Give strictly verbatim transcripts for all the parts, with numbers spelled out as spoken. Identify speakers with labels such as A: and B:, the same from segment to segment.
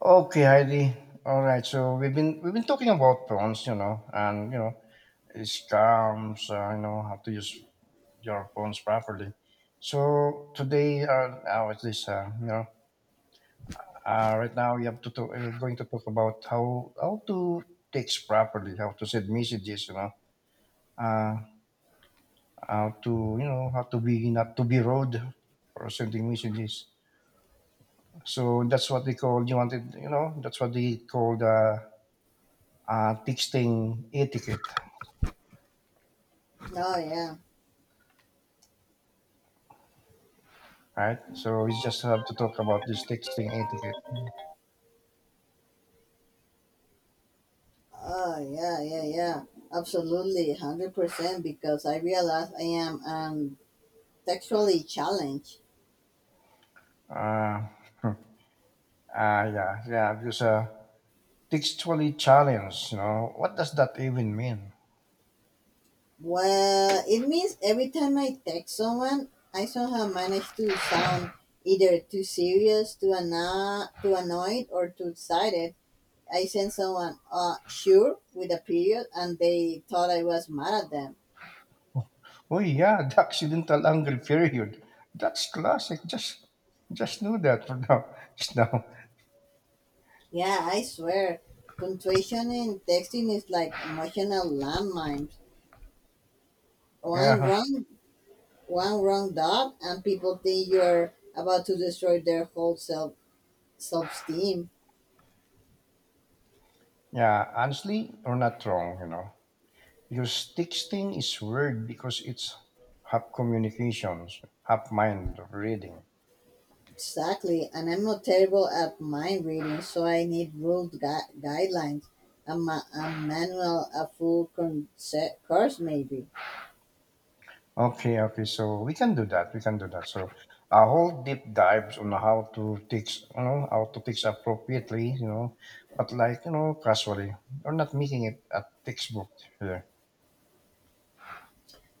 A: Okay, Heidi. All right. So we've been we've been talking about prawns, you know, and you know, scams, uh, you know, how to use your prawns properly. So today, uh, how is this? Uh, you know, uh, right now we have to talk, we're going to talk about how how to text properly, how to send messages, you know, uh, how to you know how to be not to be rude for sending messages. So that's what they call you wanted, you know, that's what they call the uh, texting etiquette,
B: Oh yeah.
A: right? So we just have to talk about this texting etiquette.
B: Oh yeah, yeah, yeah. Absolutely, hundred percent. Because I realize I am um textually challenged.
A: Uh, uh, yeah, yeah, because uh, textually challenged, you know, what does that even mean?
B: Well, it means every time I text someone, I somehow manage to sound either too serious, too anno- too annoyed, or too excited. I sent someone uh sure with a period, and they thought I was mad at them.
A: Oh yeah, the accidental angry period. That's classic. Just, just do that for now. Just now.
B: Yeah, I swear, punctuation in texting is like emotional landmines.
A: Yeah,
B: One
A: huh.
B: wrong one wrong dot and people think you're about to destroy their whole self self esteem.
A: Yeah. Honestly, you're not wrong, you know, because texting is weird because it's half communications, half mind reading.
B: Exactly, and I'm not terrible at mind reading, so I need ruled gui- guidelines, a, ma- a manual, a full concept course maybe.
A: Okay, okay. So we can do that. We can do that. So a whole deep dives on how to teach, you know, how to teach appropriately, you know, but like, you know, casually. We are not making it a textbook here.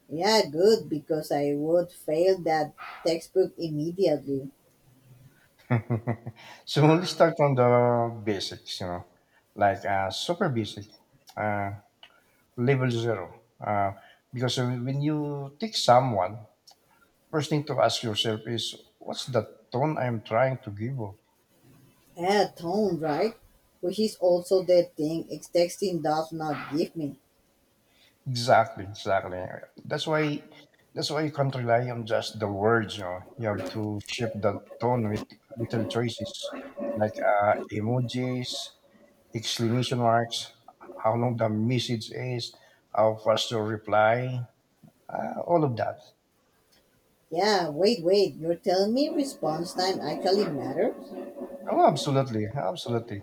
B: Yeah, good because I would fail that textbook immediately.
A: So let's start from the basics, you know, like uh, super basic, uh, level zero. Uh, because when you teach someone, first thing to ask yourself is, what's the tone I'm trying to give off?
B: Yeah, tone right, which is also the thing ex- texting does not give me.
A: Exactly, exactly. That's why that's why you can't rely on just the words, you know. You have to shift the tone with little choices like uh, emojis, exclamation marks, how long the message is, how fast you reply, uh, all of that.
B: Yeah, wait, wait, you're telling me response time actually matters?
A: Oh, absolutely, absolutely.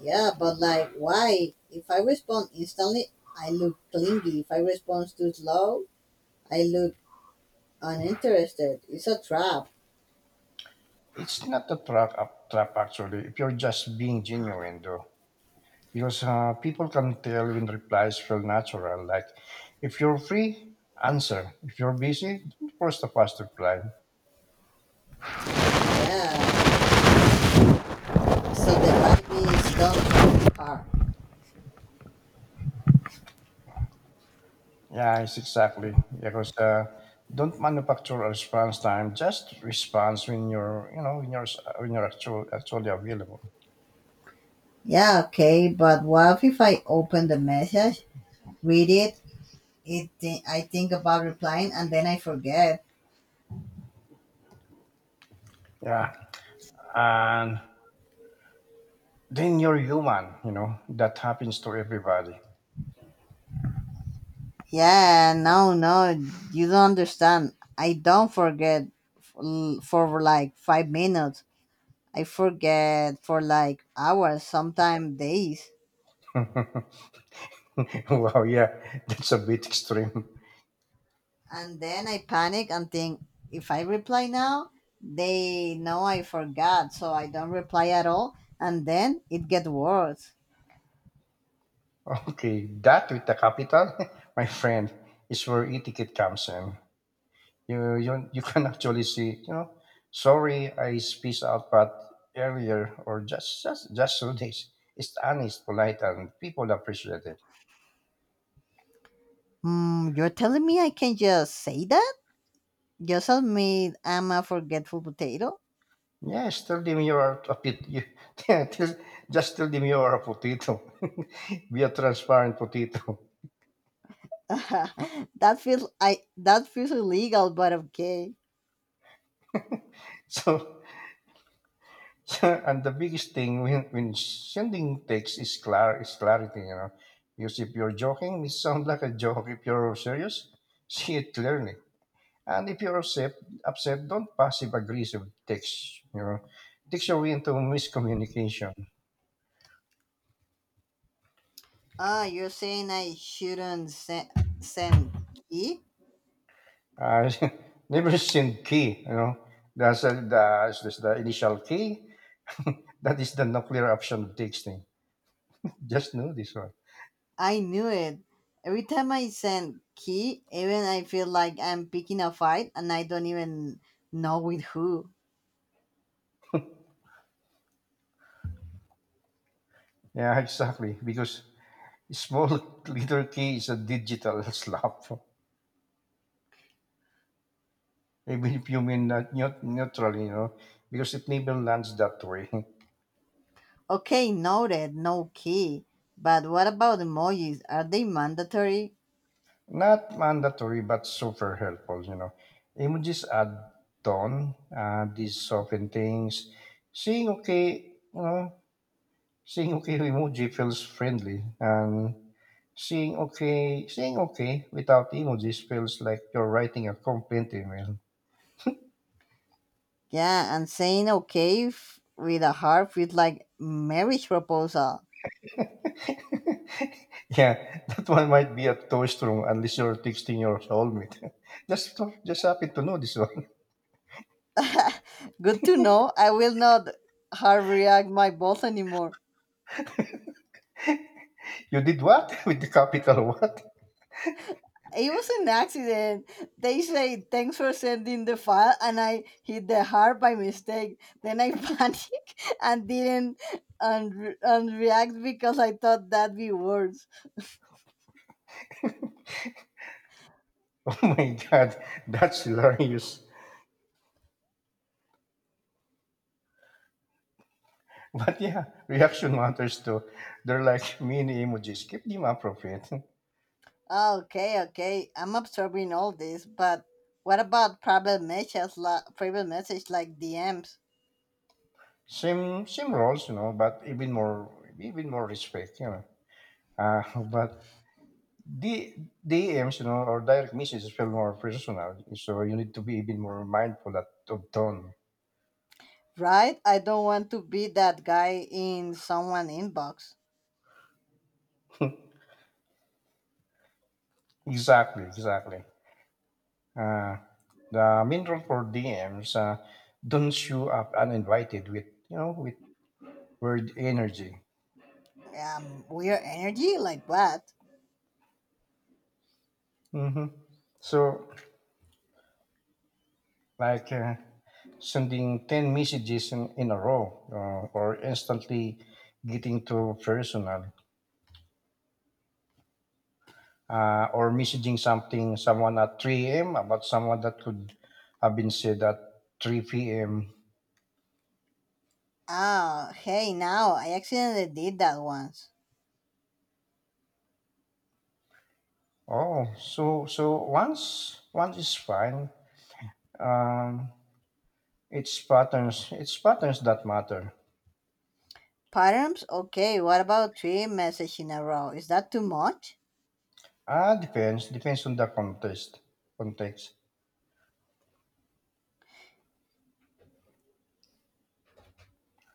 B: Yeah, but like, why? If I respond instantly, I look clingy. If I respond too slow, I look uninterested. It's a trap.
A: It's not a trap, a trap actually, if you're just being genuine, though. because uh, people can tell when replies feel natural. Like, if you're free, answer. If you're busy, don't force the fast reply.
B: Yeah. So the vibe is don't look hard.
A: Yeah, it's exactly because uh, don't manufacture a response time. Just response when you're, you know, when you're when you're actual, actually available.
B: Yeah, okay, but what if I open the message, read it, it thi- I think about replying, and then I forget?
A: Yeah, and then you're human. You know that happens to everybody.
B: Yeah, no, no, you don't understand. I don't forget f- for like five minutes. I forget for like hours, sometimes days.
A: Wow, yeah, that's a bit extreme.
B: And then I panic and think if I reply now, they know I forgot, so I don't reply at all. And then it gets worse.
A: Okay, that with the capital, my friend, is where etiquette comes in. You you you can actually see, you know, sorry I spaced out but earlier or just just just so days. It's honest, polite, and people appreciate it.
B: Hmm, you're telling me I can just say that? Just admit I'm a forgetful potato?
A: Yes, tell them you are a pit. You, tell- just tell them you are a potato. Be a transparent potato.
B: that feels I that feels illegal, but okay.
A: So and the biggest thing when, when sending text is clar is clarity, you know. Because if you're joking, it sounds like a joke. If you're serious, see it clearly. And if you're upset, upset, don't passive aggressive text, you know. Text your way into miscommunication.
B: Ah, you're saying I shouldn't se- send key?
A: Uh, never send key, you know. That's, uh, the, that's the initial key. That is the nuclear option of texting. Just know this one.
B: I knew it. Every time I send key, even I feel like I'm picking a fight and I don't even know with who.
A: Yeah, exactly. Because small letter K is a digital slap, even if you mean not neut- neutral, you know, because it even lands that way.
B: Okay, noted, no key. But what about emojis? Are they mandatory?
A: Not mandatory, but super helpful, you know. Emojis add tone, uh, these soften things. Seeing okay, you know, seeing okay emoji feels friendly, and seeing okay, seeing okay without emojis feels like you're writing a complaint email.
B: Yeah, and saying okay f- with a heart feels like marriage proposal.
A: Yeah, that one might be a toast room unless you're texting your soulmate. just so- just happen to know this one.
B: Good to know. I will not hard react my boss anymore.
A: You did what with the capital what?
B: It was an accident. They say thanks for sending the file, and I hit the heart by mistake. Then I panicked and didn't un- unreact because I thought that'd be worse.
A: Oh my god, that's hilarious. But yeah, reaction matters too. They're like mini emojis. Keep them appropriate.
B: Okay, okay, I'm absorbing all this, but what about private messages, la- private message like D Ms?
A: Same same roles, you know, but even more even more respect, you know. Uh, but the D M's, you know, or direct messages feel more personal. So you need to be even more mindful at, of tone.
B: Right? I don't want to be that guy in someone inbox.
A: Exactly, exactly. Uh, the mineral rule for D Ms uh, don't show up uninvited with you know with word energy.
B: Um, weird energy like what?
A: hmm So like uh, sending ten messages in, in a row, uh, or instantly getting too personal, uh, or messaging something someone at three a m about someone that could have been said at three p m.
B: Oh, hey, now I accidentally did that once.
A: Oh, so so once once is fine. Um, It's patterns. It's patterns that matter.
B: Params? Okay, what about three messages in a row? Is that too much?
A: Ah, depends. Depends on the context. Context.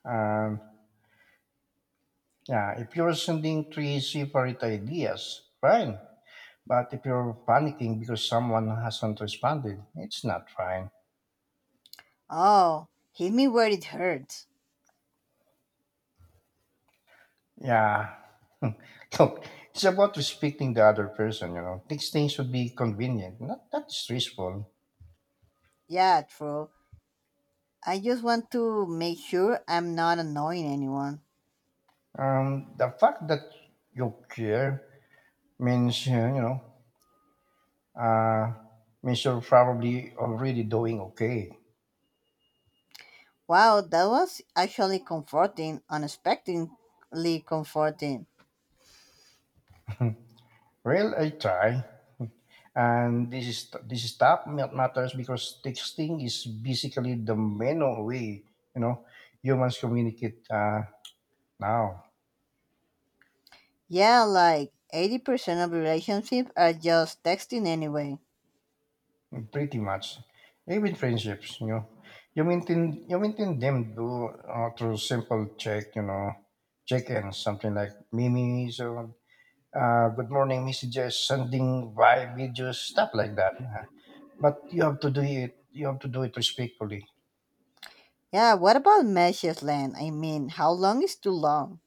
A: Um, yeah. If you're sending three separate ideas, fine. But if you're panicking because someone hasn't responded, it's not fine.
B: Oh, hit me where it hurts.
A: Yeah. Look, it's about respecting the other person. You know, texting should be convenient, not not stressful.
B: Yeah, true. I just want to make sure I'm not annoying anyone.
A: Um, the fact that you care means uh, you know Uh, means you're probably already doing okay.
B: Wow, that was actually comforting, unexpectedly comforting.
A: Well, I try, and this is this is top ma- matters because texting is basically the main way you know humans communicate uh, now.
B: Yeah, like eighty percent of relationships are just texting anyway.
A: Pretty much, even friendships. You know, you maintain you maintain them do uh, through simple check, you know, check ins something like memes or uh, good morning messages, sending vibe videos, stuff like that. Huh. But you have to do it you have to do it respectfully.
B: Yeah, what about messages, Len? I mean, how long is too long?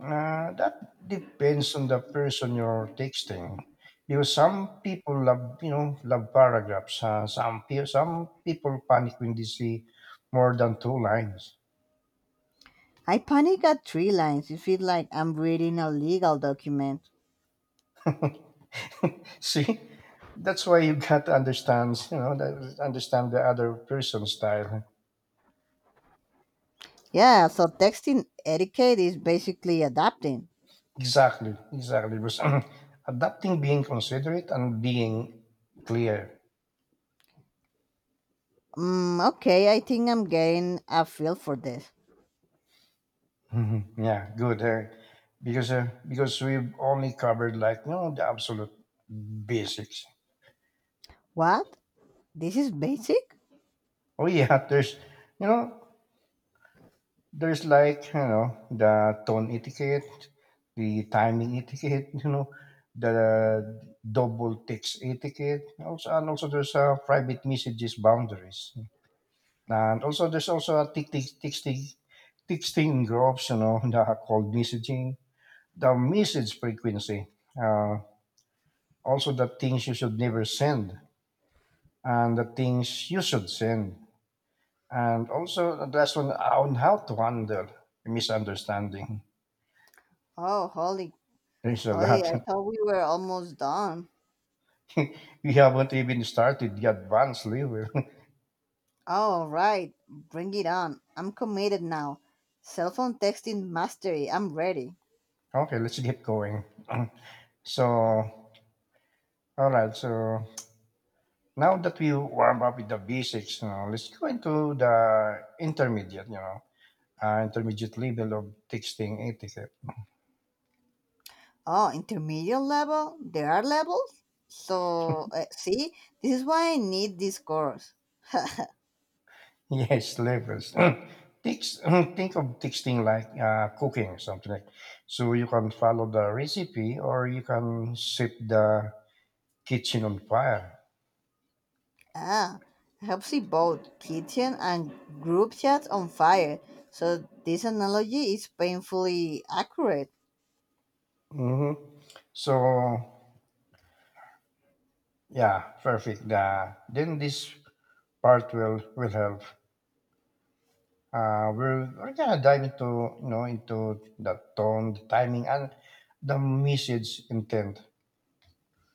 A: uh, That depends on the person you're texting, because some people love you know love paragraphs uh, some pe- some people panic when they see more than two lines.
B: I panic at three lines. It feels like I'm reading a legal document.
A: See, that's why you got to understand you know that- understand the other person's style.
B: Yeah, so texting etiquette is basically adapting.
A: Exactly, exactly, because adapting, being considerate, and being clear.
B: Mm, okay, I think I'm getting a feel for this.
A: Mhm. Yeah, good, Eric. Because uh, because we've only covered like you know the absolute basics.
B: What? This is basic?
A: Oh yeah, there's you know there's like you know the tone etiquette, the timing etiquette, you know the double text etiquette. Also, and also there's uh, private messages boundaries, and also there's also a tick tick texting texting groups, you know the called messaging, the message frequency. Also, the things you should never send, and the things you should send, and also the last one on how to handle misunderstanding.
B: Oh, holy,
A: There's a
B: holy, I
A: lot.
B: thought we were almost done.
A: We haven't even started the advanced level.
B: Oh, right, bring it on. I'm committed now. Cell phone texting mastery, I'm ready.
A: Okay, let's get going. So, all right, so now that we warm up with the basics, you know, let's go into the intermediate you know uh, intermediate level of texting etiquette.
B: Oh, intermediate level? There are levels? So, uh, see, this is why I need this course.
A: Yes, levels. Think, think of texting like uh, cooking, something like. So you can follow the recipe, or you can set the kitchen on fire.
B: Ah, helps keep both kitchen and group chats on fire. So this analogy is painfully accurate.
A: hmm So yeah, perfect. Uh, then this part will will help. Uh, we're, we're gonna dive into you know into the tone, the timing, and the message intent.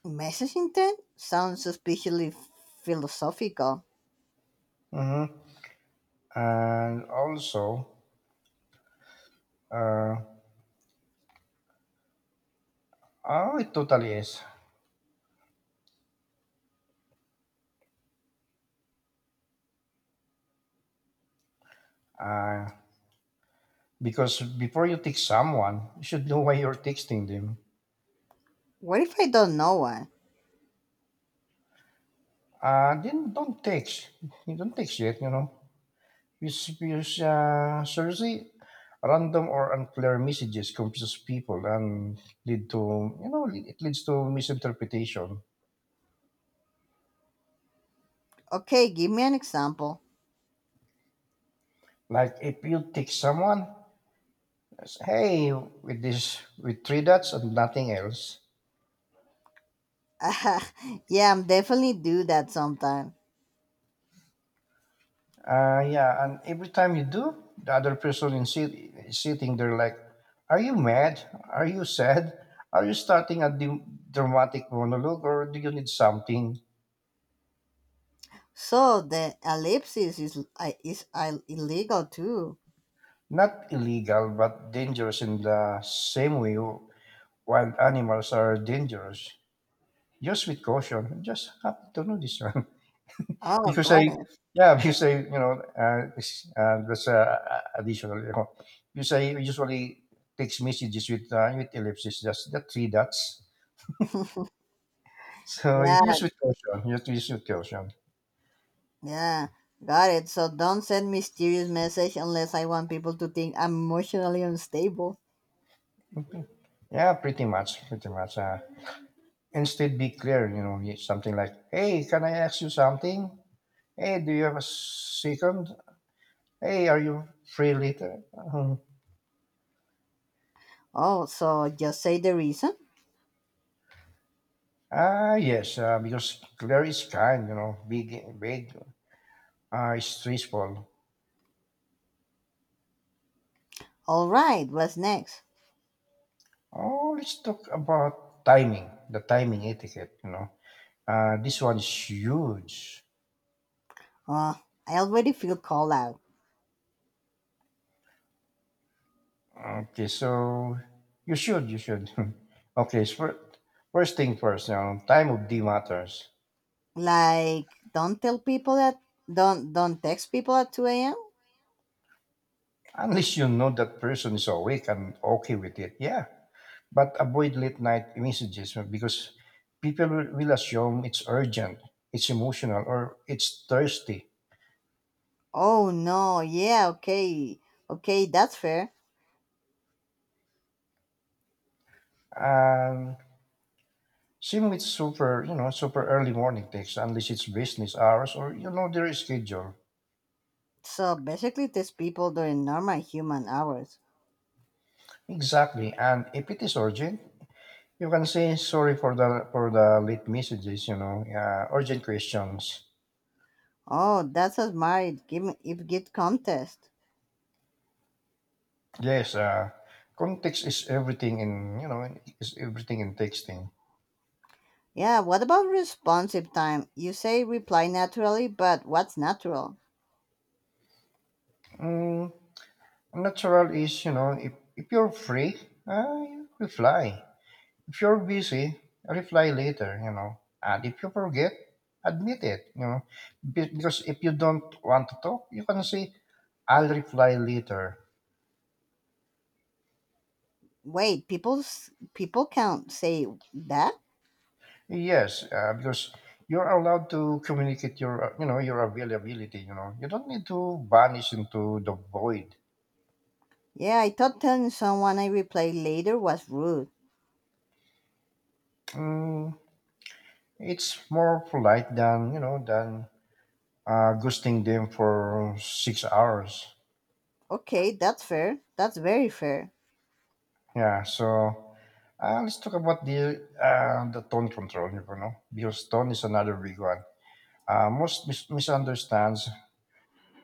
B: Message intent sounds suspiciously philosophical.
A: hmm And also, uh, oh, it totally is. Uh, Because before you text someone, you should know why you're texting them.
B: What if I don't know one?
A: Uh, then don't text. You don't text yet, you know. Use, use uh, Seriously, random or unclear messages confuse people and lead to, you know, it leads to misinterpretation.
B: Okay, give me an example.
A: Like if you text someone, "hey," with this, with three dots and nothing else.
B: Ah, yeah, I'm definitely do that sometime.
A: Uh, yeah, and every time you do, the other person in sit- sitting there like, "Are you mad? Are you sad? Are you starting a d- dramatic monologue, or do you need something?"
B: So the ellipsis is I- is I- illegal too.
A: Not illegal but dangerous in the same way wild animals are dangerous. Just with caution. I'm just happy to know this one.
B: Oh,
A: Because I,
B: got it.
A: yeah, because I, you know, uh, it's- uh, that's uh, additional. You know, because I usually text messages with uh, with ellipses, just the three dots. So
B: Yeah,
A: use with caution. Use use with caution.
B: Yeah, got it. So don't send mysterious message unless I want people to think I'm emotionally unstable.
A: Yeah, pretty much, pretty much. Uh, instead, be clear. You know, y- something like, "Hey, can I ask you something? Hey, do you have a second? Hey, are you free later?" Um,
B: Oh, so just say the reason?
A: Ah, yes. Uh, because clear is kind. You know, big, big, uh, is stressful.
B: All right, what's next?
A: Oh, let's talk about timing, the timing etiquette, you know. Uh, this one's huge.
B: Uh, I already feel called out.
A: Okay, so you should, you should. Okay, so first thing first, you know, time of day matters.
B: Like, don't tell people that don't don't text people at two a m.
A: Unless you know that person is awake and okay with it, yeah. But avoid late night messages because people will, will assume it's urgent, it's emotional, or it's thirsty.
B: Oh no, yeah, okay. Okay, that's fair.
A: Um, Same with super, you know, super early morning texts, unless it's business hours or you know their schedule.
B: So basically text people during normal human hours.
A: Exactly, and if it is urgent, you can say sorry for the for the late messages. You know, uh, urgent questions.
B: Oh, that's a smart give give gift contest.
A: Yes, uh, context is everything in you know is everything in texting.
B: Yeah, what about responsive time? You say reply naturally, but what's natural?
A: Mm, Natural is you know if if you're free, uh, reply. If you're busy, reply later, you know. And if you forget, admit it, you know. Be- Because if you don't want to talk, you can say, "I'll reply later."
B: Wait, people's people can't say that?
A: Yes, uh, because you're allowed to communicate your, uh, you know, your availability, you know. You don't need to vanish into the void.
B: Yeah, I thought telling someone I reply later was rude.
A: Mm, it's more polite than, you know, than uh, ghosting them for six hours.
B: Okay, that's fair. That's very fair.
A: Yeah, so Uh, let's talk about the uh, the tone control, you know, because tone is another big one. Uh, most mis- misunderstands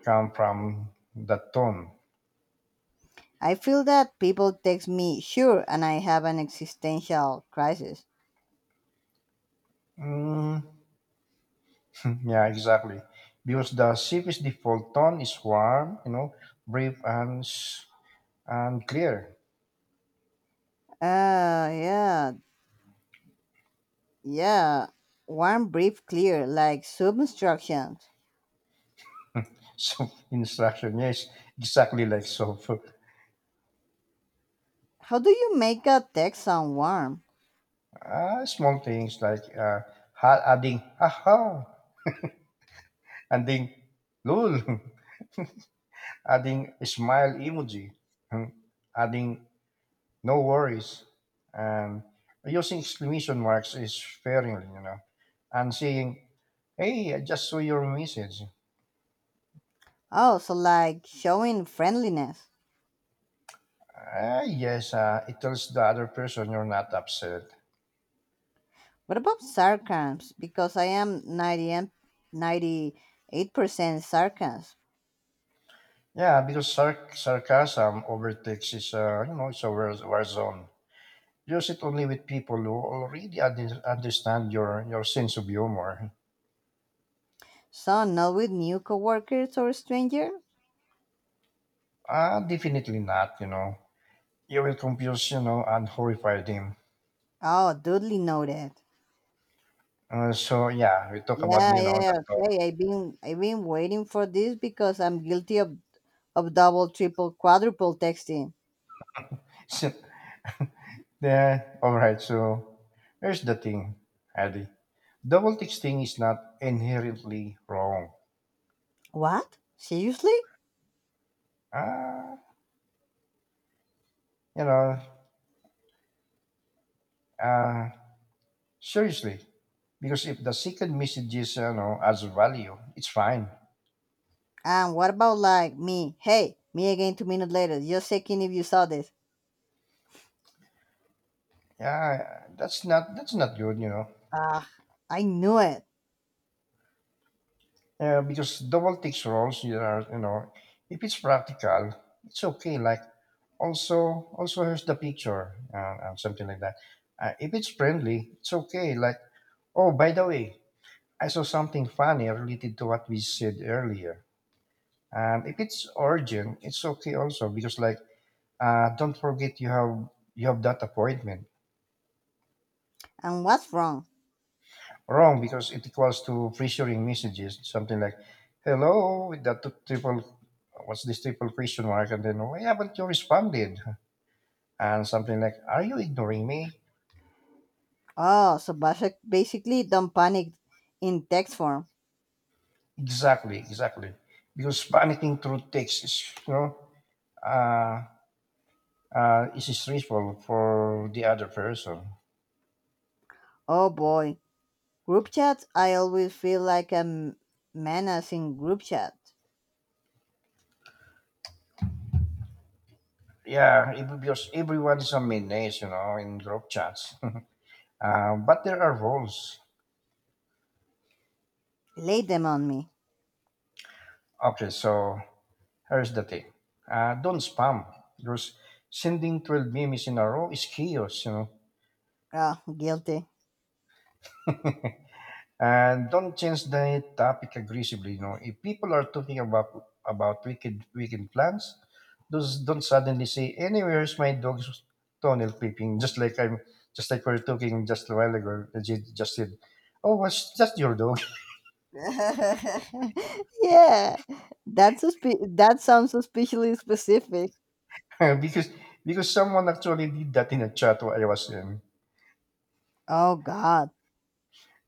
A: come from the tone.
B: I feel that people text me sure and I have an existential crisis.
A: Mm, yeah, exactly. Because the C P's default tone is warm, you know, brief and s- and clear.
B: Uh, yeah, yeah. Warm, brief, clear, like sub instructions.
A: So instruction, yes, exactly like so.
B: How do you make a text sound warm?
A: Uh, small things like uh, ha- adding haha, adding lol. Adding smile emoji, and adding no worries, and using exclamation marks is sparingly, you know, and saying, "Hey, I just saw your message."
B: Oh, so like showing friendliness.
A: Ah, yes, uh, it tells the other person you're not upset.
B: What about sarcasm? Because I am ninety, ninety-eight percent sarcasm.
A: Yeah, because sarc- sarcasm overtakes is, uh, you know, it's a war, war zone. Use it only with people who already un- understand your, your sense of humor.
B: So, not with new coworkers or stranger?
A: Ah, definitely not, you know. You will confuse, you know, and horrify them.
B: Oh, duly noted.
A: Uh, so yeah, we talk about
B: Yeah,
A: you
B: yeah,
A: know the
B: yeah,
A: talk.
B: okay. I've been I've been waiting for this because I'm guilty of, of double, triple, quadruple texting.
A: So, yeah, all right. So here's the thing, Adi. Double texting is not inherently wrong.
B: What? Seriously?
A: Uh, you know, uh, Seriously, because if the second message is you know adds value, it's fine.
B: And what about like me? Hey, me again two minutes later. Just checking if you saw this.
A: Yeah, that's not that's not good. You know,
B: Ah, I knew it.
A: yeah, because double text roles you are you know if it's practical, it's okay. Like also also here's the picture uh, uh, something like that. Uh, if it's friendly it's okay like, oh by the way, I saw something funny related to what we said earlier. And if it's urgent it's okay also because like, uh, don't forget you have you have that appointment.
B: And what's wrong?
A: Wrong because it equals to pressuring messages something like hello with that t- triple, what's this triple question mark, and then why haven't you responded, and something like are you ignoring me.
B: Oh, so basic- basically don't panic in text form.
A: Exactly, exactly. Because panicking through text is, you know, uh, uh, is stressful for the other person.
B: Oh boy. Group chats, I always feel like a m- menace in group chat.
A: Yeah, it- because everyone is a menace, you know, in group chats. Uh, but there are rules.
B: Lay them on me.
A: Okay, so here's the thing. Uh, don't spam because sending twelve memes in a row is chaos, you know.
B: Oh, guilty.
A: And don't change the topic aggressively. You know, if people are talking about about wicked weekend plans, those don't suddenly say, "Anywhere's my dog's toenail clipping," just like I'm, just like we are talking just a while ago. Ajit just said, "Oh, was just your dog,"
B: yeah, that's suspe- that sounds suspiciously specific.
A: because because someone actually did that in a chat while I was in.
B: Oh God.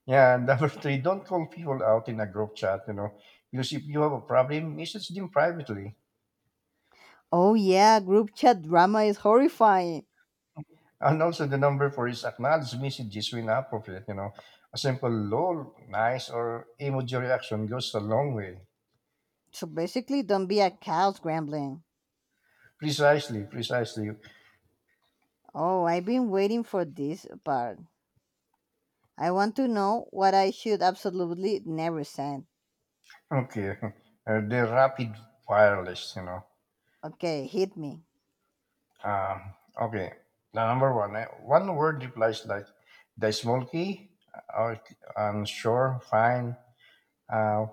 A: Yeah, and number three, don't call people out in a group chat. You know, because if you have a problem, message them privately.
B: Oh yeah, group chat drama is horrifying.
A: And also the number for his acknowledged messages when appropriate, you know. A simple lol, nice, or emoji reaction goes a long way.
B: So basically, don't be a cow scrambling.
A: Precisely, precisely.
B: Oh, I've been waiting for this part. I want to know what I should absolutely never send.
A: Okay. Uh, the rapid fire list, you know.
B: Okay, hit me.
A: Um, okay. The number one, eh, one word replies like the small key, uh, um, sure, fine. Uh,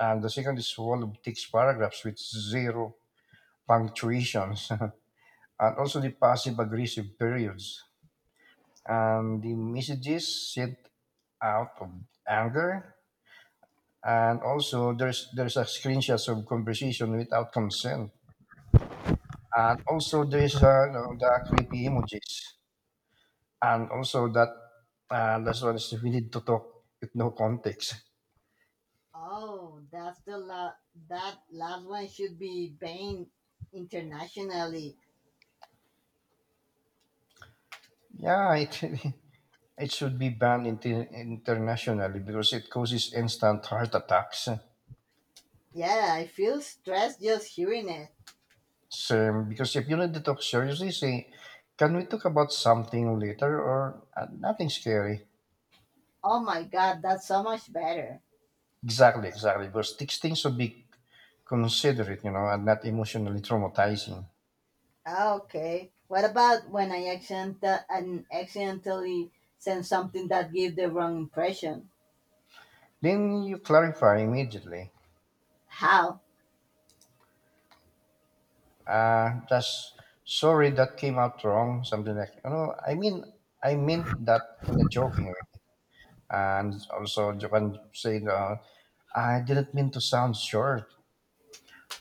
A: and the second is wall of text paragraphs with zero punctuations, and also the passive aggressive periods, and the messages sent out of anger, and also there's there's a screenshots of conversation without consent, and also there's uh, you know, the creepy emojis, and also that, uh, that's what is- we need to talk with no context.
B: Oh, that's the la- that last one should be banned internationally.
A: Yeah, it it should be banned inter- internationally because it causes instant heart attacks.
B: Yeah, I feel stressed just hearing it.
A: So because if you need to talk seriously say, can we talk about something later, or uh, nothing scary.
B: Oh my god, that's so much better.
A: Exactly, exactly. Because these things should be considerate, you know, and not emotionally traumatizing.
B: Ah, okay. What about when I accident and accidentally send something that gave the wrong impression?
A: Then you clarify immediately.
B: How?
A: Uh, just sorry that came out wrong, something like you know. I mean, I meant that in a joking way, and also you can say, uh, I didn't mean to sound short,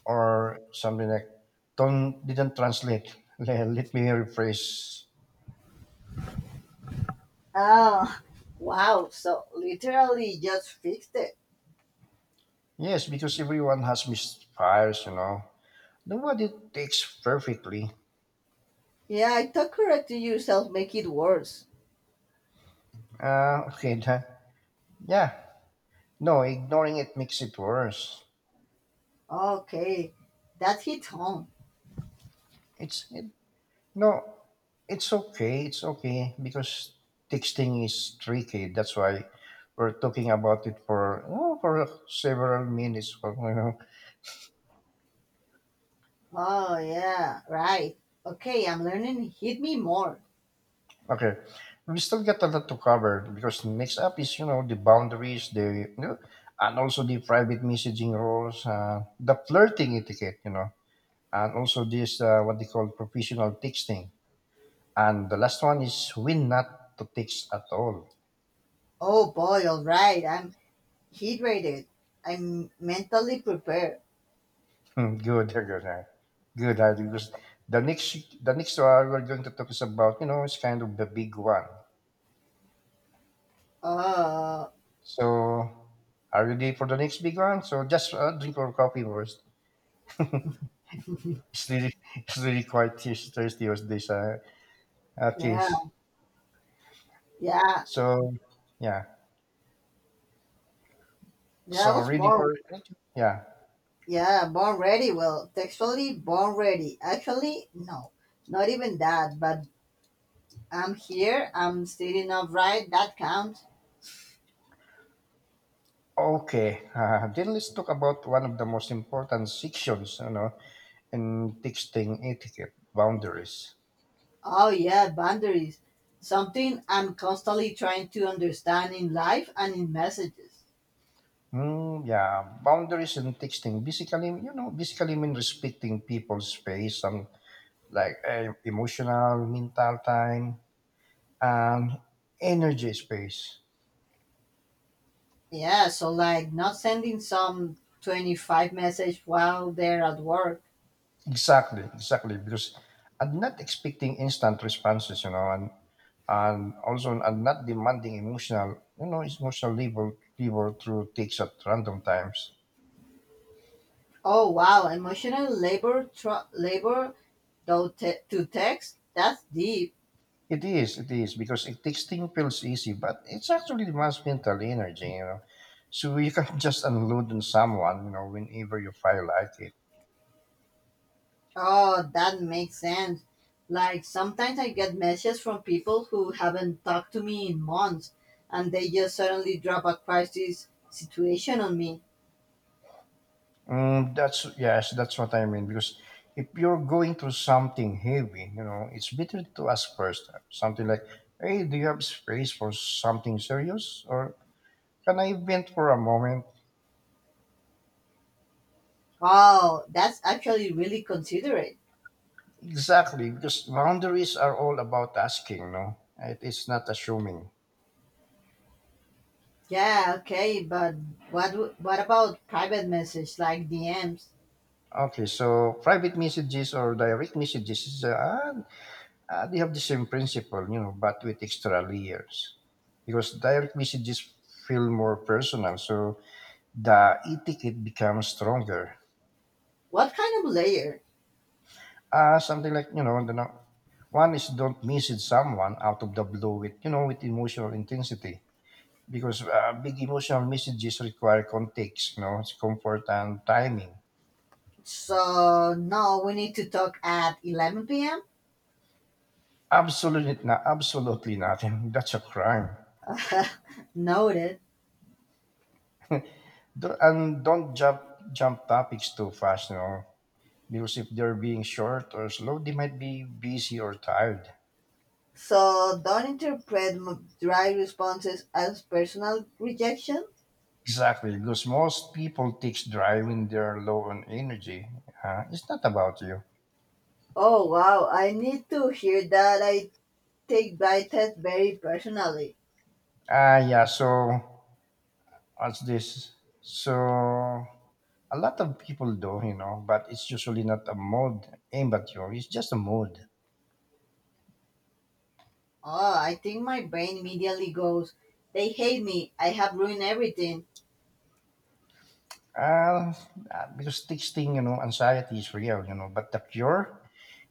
A: or something like don't didn't translate. Le- Let me rephrase.
B: Oh, wow. So literally just fixed it.
A: Yes, because everyone has misfires, you know. Nobody takes perfectly.
B: Yeah, I thought correcting yourself make it worse.
A: Uh, okay, that, yeah. No, ignoring it makes it worse.
B: Okay, that hit home.
A: It's it, no, It's okay. It's okay because texting is tricky. That's why we're talking about it for oh, for several minutes. For, you know.
B: Oh, yeah, right. Okay, I'm learning hit me more.
A: Okay, we still got a lot to cover because next up is you know the boundaries, the you know, and also the private messaging rules, uh, the flirting etiquette, you know, and also this uh, what they call professional texting. And the last one is win not to teach at all.
B: Oh boy, all right, I'm hydrated. I'm mentally prepared.
A: Good, good, uh, good. uh, Because the next the next one we're going to talk is about you know it's kind of the big one.
B: Oh,
A: So are you ready for the next big one? So just uh, drink your coffee first. It's really it's really quite thir- thirsty was this uh, uh
B: yeah,
A: case.
B: yeah,
A: So yeah.
B: yeah, I
A: So
B: was
A: ready for
B: born.
A: it? Yeah.
B: Yeah, born ready. Well, textually born ready. Actually, no, not even that, but I'm here, I'm sitting upright, that counts.
A: Okay, uh, then let's talk about one of the most important sections, you know, and texting etiquette boundaries.
B: Oh yeah, boundaries. Something I'm constantly trying to understand in life and in messages.
A: Mm, yeah, boundaries and texting basically you know basically mean respecting people's space and like eh, emotional mental time and energy space.
B: Yeah, so like not sending some twenty-five message while they're at work.
A: Exactly, exactly, because I'm not expecting instant responses you know, and and also I'm not demanding emotional you know emotional labor labor through text at random times.
B: Oh wow, emotional labor tr- labor though te- to text. That's deep.
A: It is, it is, because it texting feels easy, but it's actually demands mental energy, you know. So you can't just unload on someone, you know, whenever you feel like it.
B: Oh, that makes sense. Like sometimes I get messages from people who haven't talked to me in months and they just suddenly drop a crisis situation on me.
A: Mm, that's Yes, that's what I mean. Because if you're going through something heavy, you know, it's better to ask first. uh, Something like, "Hey, do you have space for something serious, or can I vent for a moment?"
B: Wow, that's actually really considerate.
A: Exactly, because boundaries are all about asking. No, it, it's not assuming.
B: Yeah, okay, but what w- what about private message like D Ms?
A: Okay, so private messages or direct messages is uh, uh, they have the same principle, you know, but with extra layers. Because direct messages feel more personal, so the etiquette becomes stronger.
B: What kind of layer?
A: Uh, something like you know, the, no- one is don't message someone out of the blue with you know with emotional intensity because uh, big emotional messages require context, you know, comfort and timing.
B: So no, we need to talk at eleven p m
A: Absolutely not, absolutely nothing. That's a crime.
B: Noted.
A: Do- and don't jump jump topics too fast, you know, because if they're being short or slow, they might be busy or tired.
B: So don't interpret m- dry responses as personal rejection.
A: Exactly, because most people takes drive when they're low on energy. Uh, it's not about you.
B: Oh wow, I need to hear that. I take dry tests very personally.
A: Ah, yeah. So what's this? So a lot of people do, you know, but it's usually not a mode aimed at you. It's just a mode.
B: Oh, I think my brain immediately goes, "They hate me. I have ruined everything."
A: Uh, uh, because texting, you know, anxiety is real, you know, but the cure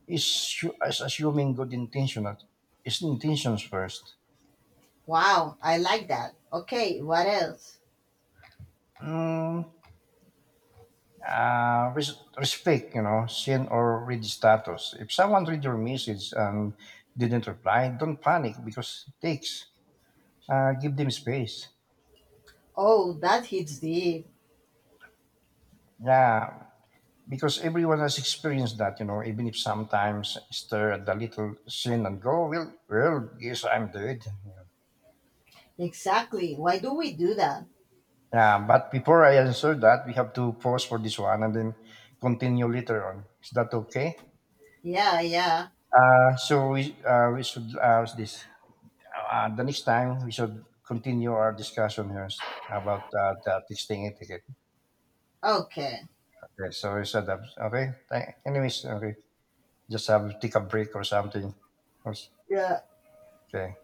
A: is hu- is assuming good intention is intentions first.
B: Wow, I like that. Okay, what else?
A: Mm, uh, res- Respect, you know, send or read status. If someone read your message and didn't reply, don't panic because it takes. Uh, give them space.
B: Oh, that hits deep.
A: Yeah, because everyone has experienced that, you know, even if sometimes stir at the little sin and go, well, well, yes, I'm dead.
B: Exactly. Why do we do that?
A: Yeah, but before I answer that, we have to pause for this one and then continue later on. Is that okay?
B: Yeah, yeah.
A: Uh, so we uh, we should uh, this uh, the next time we should continue our discussion here about uh, the texting etiquette.
B: Okay.
A: Okay, so we said that okay. Th- anyways, okay, just have take a break or something.
B: Yeah,
A: Okay.